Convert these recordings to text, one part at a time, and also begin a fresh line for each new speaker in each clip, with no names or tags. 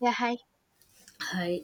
Yeah, hi.
Hi.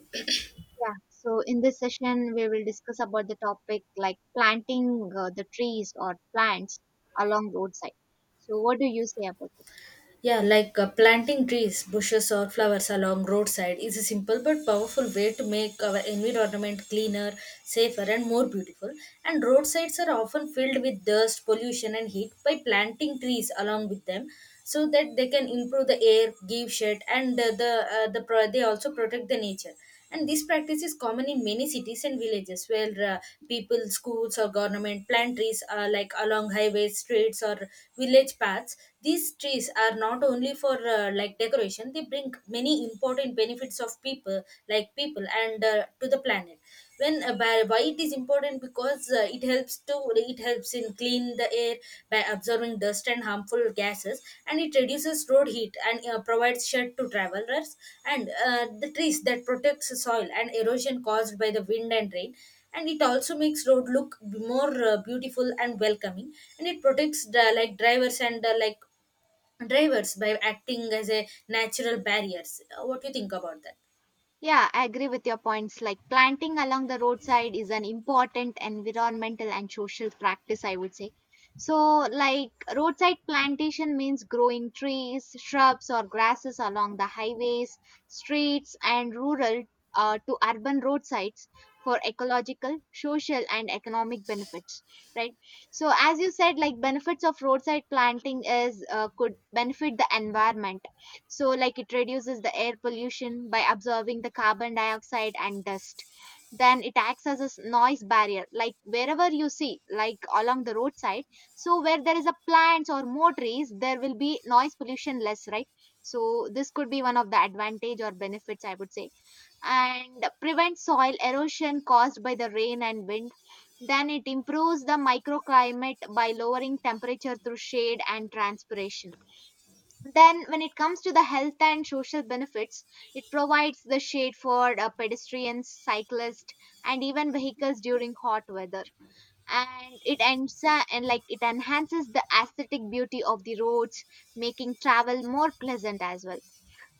Yeah. So in this session, we will discuss about the topic like planting the trees or plants along roadside. So what do you say about this?
Yeah, planting trees, bushes, or flowers along roadside is a simple but powerful way to make our environment cleaner, safer, and more beautiful. And roadsides are often filled with dust, pollution, and heat. By planting trees along with them, so that they can improve the air, give shade, and they also protect the nature. And this practice is common in many cities and villages where people schools or government plant trees like along highways streets or village paths. These trees are not only for like decoration. They bring many important benefits of people like people and to the planet. Why it is important, because it helps in clean the air by absorbing dust and harmful gases. And it reduces road heat and provides shade to travelers, and the trees that protects the soil and erosion caused by the wind and rain. And it also makes road look more beautiful and welcoming, and it protects the like drivers and drivers by acting as a natural barriers. What do you think about that?
Yeah, I agree with your points. Like planting along the roadside is an important environmental and social practice, I would say. So, like roadside plantation means growing trees, shrubs, or grasses along the highways, streets, and rural to urban roadsides for ecological, social, and economic benefits. Right. So, as you said, like benefits of roadside planting is could benefit the environment. So like it reduces the air pollution by absorbing the carbon dioxide and dust. Then it acts as a noise barrier, like wherever you see like along the roadside. So where there is a plants or more trees, there will be noise pollution less, right? So this could be one of the advantage or benefits, I would say. And prevent soil erosion caused by the rain and wind. Then it improves the microclimate by lowering temperature through shade and transpiration. Then, when it comes to the health and social benefits, it provides the shade for pedestrians, cyclists, and even vehicles during hot weather. And it ends and like it enhances the aesthetic beauty of the roads, making travel more pleasant as well.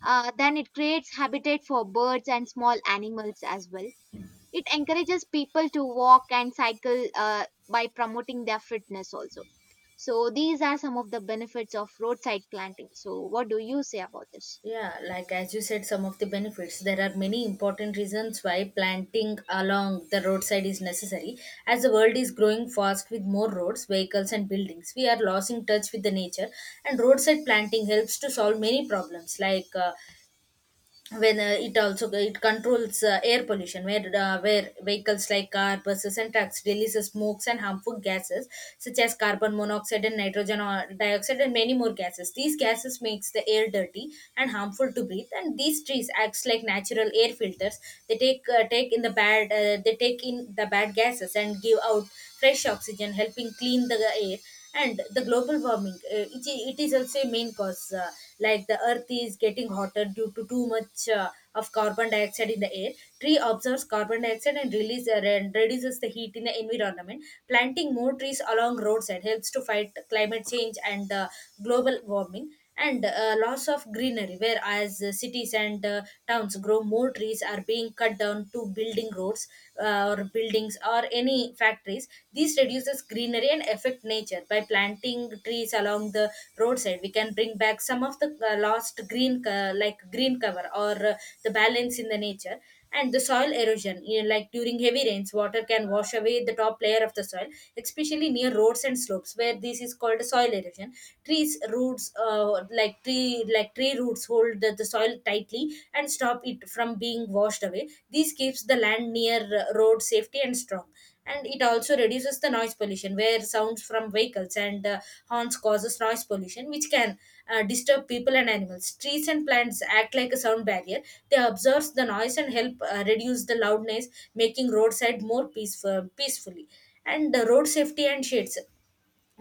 Then it creates habitat for birds and small animals as well. It encourages people to walk and cycle by promoting their fitness also. So these are some of the benefits of roadside planting. So what do you say about this?
Yeah, like as you said, some of the benefits. There are many important reasons why planting along the roadside is necessary. As the world is growing fast with more roads, vehicles, and buildings, we are losing touch with the nature, and roadside planting helps to solve many problems like when it also it controls air pollution where vehicles like car buses and trucks release smokes and harmful gases such as carbon monoxide and nitrogen or dioxide and many more gases. These gases makes the air dirty and harmful to breathe, and these trees acts like natural air filters. They take in the bad gases and give out fresh oxygen, helping clean the air. And the global warming, it is also a main cause. Like the earth is getting hotter due to too much of carbon dioxide in the air. Tree absorbs carbon dioxide and release and reduces the heat in the environment. Planting more trees along roadside helps to fight climate change and global warming, and loss of greenery. Whereas cities and towns grow, more trees are being cut down to building roads or buildings or any factories. This reduces greenery and affect nature. By planting trees along the roadside, we can bring back some of the like green cover, or the balance in the nature. And the soil erosion, you know, like during heavy rains water can wash away the top layer of the soil, especially near roads and slopes, where this is called soil erosion. Trees roots uh, like tree like tree roots hold the soil tightly and stop it from being washed away. This keeps the land near road safety and strong. And it also reduces the noise pollution, where sounds from vehicles and horns causes noise pollution, which can disturb people and animals. Trees and plants act like a sound barrier. They absorb the noise and help reduce the loudness, making roadside more peaceful peacefully. And road safety and shades.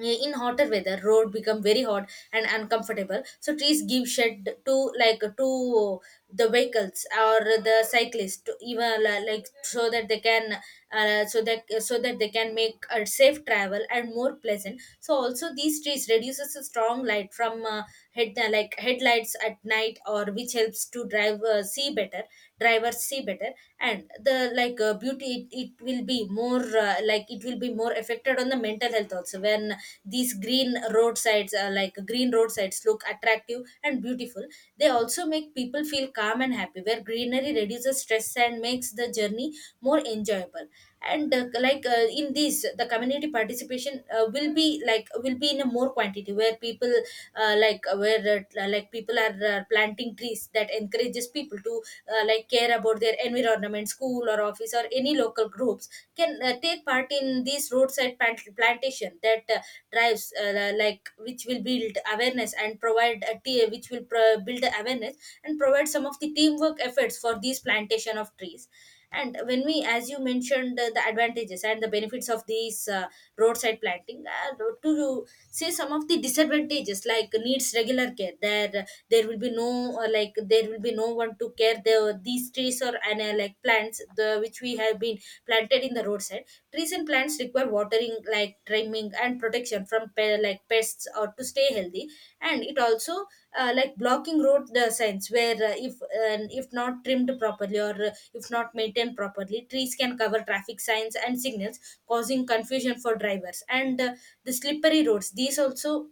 In hotter weather road become very hot and uncomfortable, so trees give shade to the vehicles or the cyclists to like so that they can so that they can make a safe travel and more pleasant. So also these trees reduces the strong light from headlights at night or which helps to drive see better, drivers see better. And the like beauty, it will be more like it will be more affected on the mental health also. When these green roadsides, like green roadsides look attractive and beautiful, they also make people feel calm and happy, where greenery reduces stress and makes the journey more enjoyable. And in this the community participation will be like will be in a more quantity, where people like people are planting trees that encourages people to like care about their environment, school or office or any local groups can take part in this plantation. That drives which will build awareness and provide a TA, which will build awareness and provide some of the teamwork efforts for these plantation of trees. And when we, as you mentioned the advantages and the benefits of these roadside planting, to say some of the disadvantages, like needs regular care, there there will be no like there will be no one to care the these trees or and like plants the which we have been planted in the roadside. Trees and plants require watering, like trimming, and protection from like pests or to stay healthy. And it also like blocking road signs where if not trimmed properly, or if not maintained properly, trees can cover traffic signs and signals, causing confusion for drivers. And the slippery roads. These also,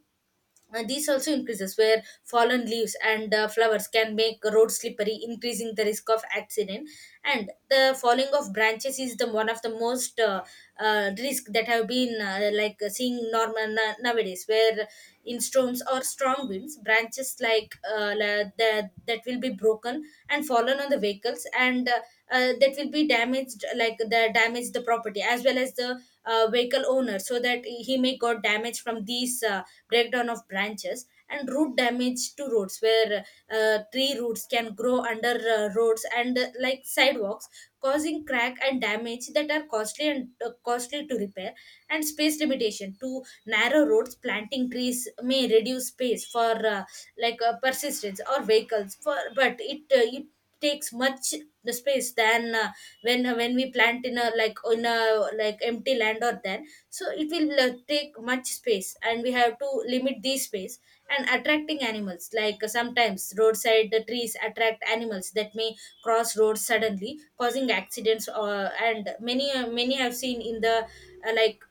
and these also increases, where fallen leaves and flowers can make road slippery, increasing the risk of accident. And the falling of branches is the one of the most risk that have been seeing normal nowadays, where in storms or strong winds, branches that will be broken and fallen on the vehicles, and that will be damaged, like the damage the property, as well as the vehicle owner, so that he may got damage from these breakdown of branches. And root damage to roads, where tree roots can grow under roads and like sidewalks, causing crack and damage that are costly and costly to repair. And space limitation to narrow roads, planting trees may reduce space for persistence or vehicles, for but it takes much the space than when we plant in a like empty land, or then so it will take much space and we have to limit this space. And attracting animals, like sometimes roadside the trees attract animals that may cross roads suddenly, causing accidents. Or and Many many have seen in the uh, like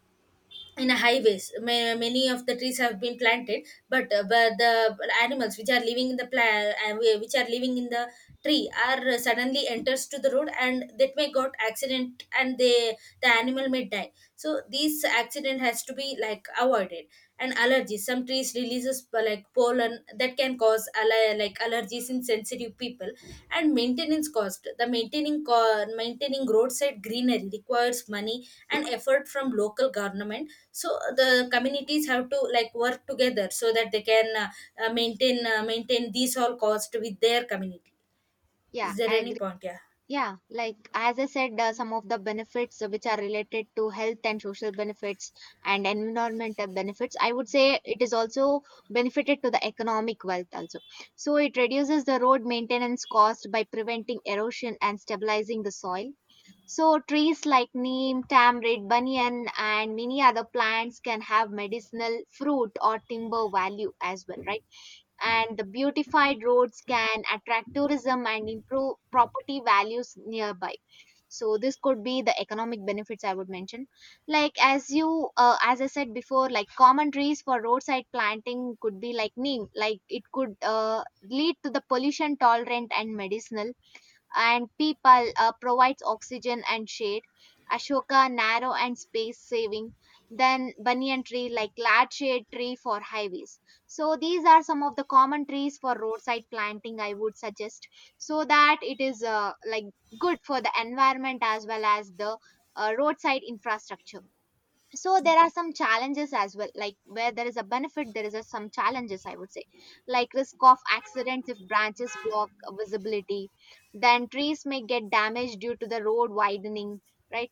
in a highways, many of the trees have been planted, but the animals which are living in the plant, which are living in the tree are suddenly enters to the road, and that may got accident and they the animal may die, so this accident has to be like avoided. And allergies, some trees releases pollen that can cause like allergies in sensitive people. And maintenance cost, the maintaining roadside greenery requires money and effort from local government. So the communities have to like work together so that they can maintain maintain these all cost with their community.
Yeah,
Is there
I agree.
any point? Yeah.
Yeah, like as I said, some of the benefits which are related to health and social benefits and environmental benefits, I would say it is also benefited to the economic wealth also. So it reduces the road maintenance cost by preventing erosion and stabilizing the soil. So trees like neem, tamarind, banyan, and many other plants can have medicinal fruit or timber value as well, right? And the beautified roads can attract tourism and improve property values nearby. So this could be the economic benefits I would mention. Like as you as I said before, like common trees for roadside planting could be like neem. Like it could lead to the pollution tolerant and medicinal, and people provides oxygen and shade. Ashoka, narrow and space saving, then banyan tree like large shade tree for highways. So these are some of the common trees for roadside planting I would suggest, so that it is like good for the environment as well as the roadside infrastructure. So there are some challenges as well. Like where there is a benefit, there is a, some challenges I would say, like risk of accidents if branches block visibility. Then trees may get damaged due to the road widening, right?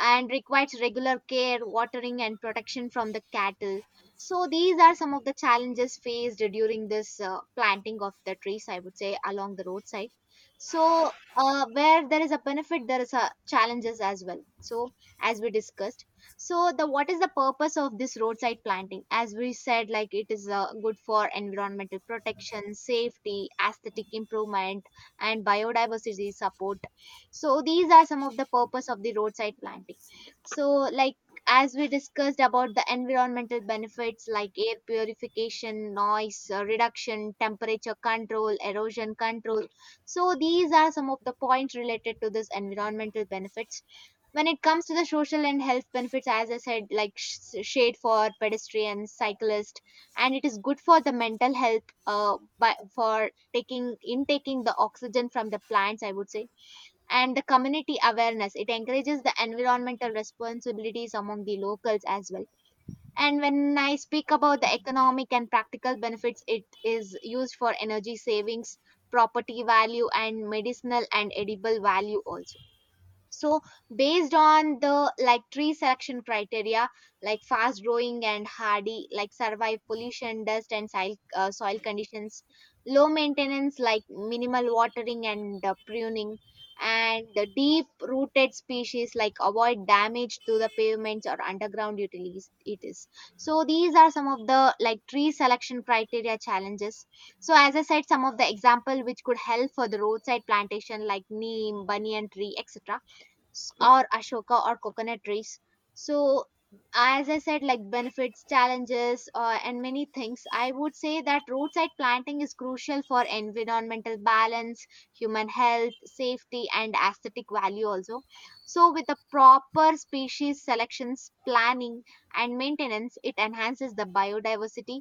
And requires regular care, watering, and protection from the cattle. So these are some of the challenges faced during this planting of the trees, I would say, along the roadside. So where there is a benefit, there is a challenges as well. So as we discussed, so the what is the purpose of this roadside planting, as we said, like it is good for environmental protection, safety, aesthetic improvement, and biodiversity support. So these are some of the purpose of the roadside planting. So like as we discussed about the environmental benefits, like air purification, noise reduction, temperature control, erosion control. So these are some of the points related to this environmental benefits. When it comes to the social and health benefits, as I said, like shade for pedestrians, cyclists, and it is good for the mental health, by, for taking intaking the oxygen from the plants, I would say. And the community awareness, it encourages the environmental responsibilities among the locals as well. And when I speak about the economic and practical benefits, it is used for energy savings, property value, and medicinal and edible value also. So based on the like tree selection criteria, like fast growing and hardy, like survive pollution, dust, and soil, soil conditions, low maintenance like minimal watering and pruning, and the deep rooted species like avoid damage to the pavements or underground utilities it is. So these are some of the like tree selection criteria challenges. So as I said, some of the example which could help for the roadside plantation, like neem, banyan tree, etc., or ashoka or coconut trees. So as I said, like benefits, challenges, and many things, I would say that roadside planting is crucial for environmental balance, human health, safety, and aesthetic value also. So with the proper species selections, planning, and maintenance, it enhances the biodiversity,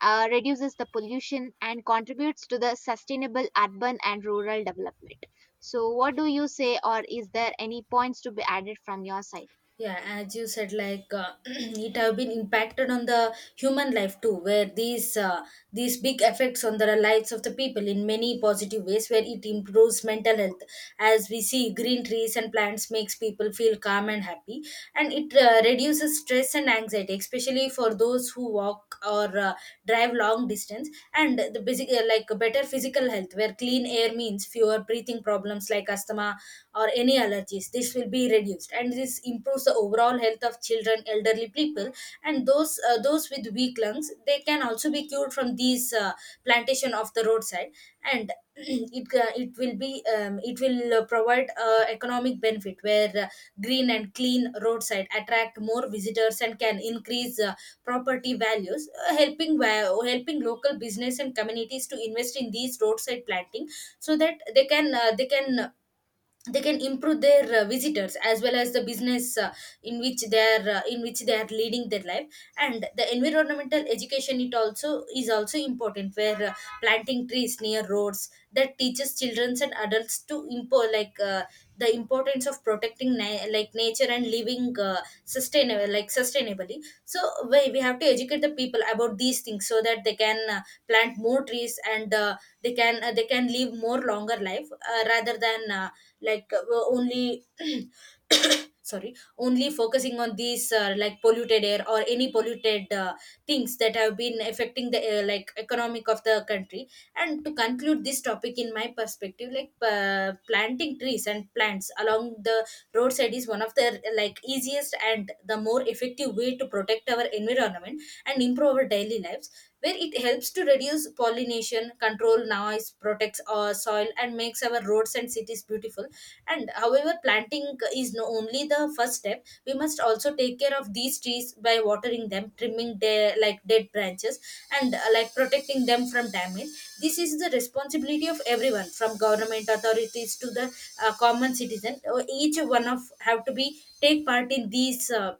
reduces the pollution, and contributes to the sustainable urban and rural development. So, what do you say, or is there any points to be added from your side?
Yeah, as you said, like it have been impacted on the human life too, where these big effects on the lives of the people in many positive ways. Where it improves mental health, as we see green trees and plants makes people feel calm and happy, and it reduces stress and anxiety, especially for those who walk or drive long distance. And the basic like better physical health, where clean air means fewer breathing problems like asthma or any allergies. This will be reduced, and this improves the overall health of children elderly people, and those with weak lungs they can also be cured from these plantation of the roadside. And it will be it will provide economic benefit, where green and clean roadside attract more visitors and can increase property values, helping local business and communities to invest in these roadside planting, so that they can they can improve their visitors, as well as the business in which they are leading their life. And the environmental education, it also is also important, where planting trees near roads that teaches children and adults to the importance of protecting like nature and living sustainable like sustainably. So we have to educate the people about these things so that they can plant more trees, and they can live more longer life, rather than like only sorry, only focusing on these like polluted air or any polluted things that have been affecting the like economic of the country. And to conclude this topic, in my perspective, like planting trees and plants along the roadside is one of the like easiest and the more effective way to protect our environment and improve our daily lives, where it helps to reduce pollination, control noise, protects our soil, and makes our roads and cities beautiful. And however, planting is no only the first step. We must also take care of these trees by watering them, trimming their like dead branches, and like protecting them from damage. This is the responsibility of everyone, from government authorities to the common citizen. Each one of have to be take part in these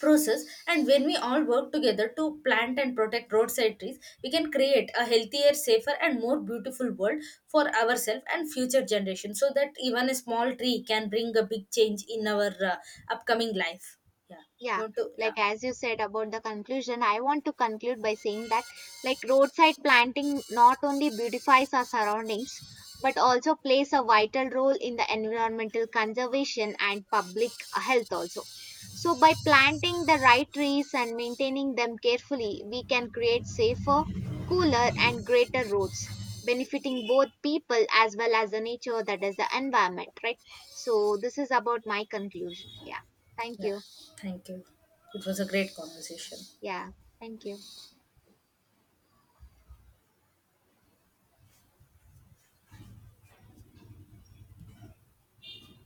process, and when we all work together to plant and protect roadside trees, we can create a healthier, safer, and more beautiful world for ourselves and future generations, so that even a small tree can bring a big change in our upcoming life. Yeah. You
Yeah,
want to? Yeah.
like as you said about the conclusion, I want to conclude by saying that like roadside planting not only beautifies our surroundings but also plays a vital role in the environmental conservation and public health also. So by planting the right trees and maintaining them carefully, we can create safer, cooler, and greater roads, benefiting both people as well as the nature, that is the environment, right? So this is about my conclusion. Yeah, thank
Yeah,
you.
thank you. It was a great conversation.
Yeah, thank you.